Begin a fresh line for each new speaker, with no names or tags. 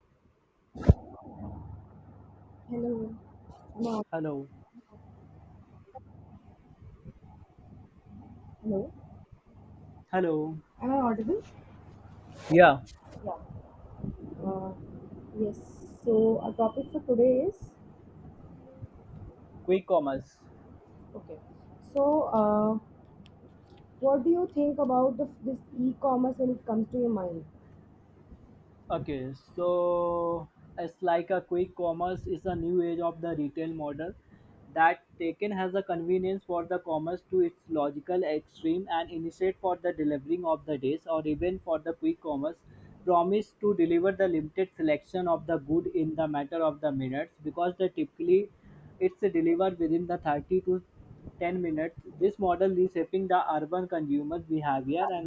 Hello. Am I—
Hello.
Hello.
Hello.
Am I audible?
Yeah,
Yeah. Uh, yes. So our topic for today is
quick commerce.
okay. So what do you think about this e-commerce when it comes to your mind?
Okay, so it's like a quick commerce is a new age of the retail model that taken has the convenience for the commerce to its logical extreme and initiate for the delivering of the days or even for the quick commerce promise to deliver the limited selection of the good in the matter of the minutes because the typically it's delivered within the 30 to 10 minutes. This model reshaping the urban consumer behavior and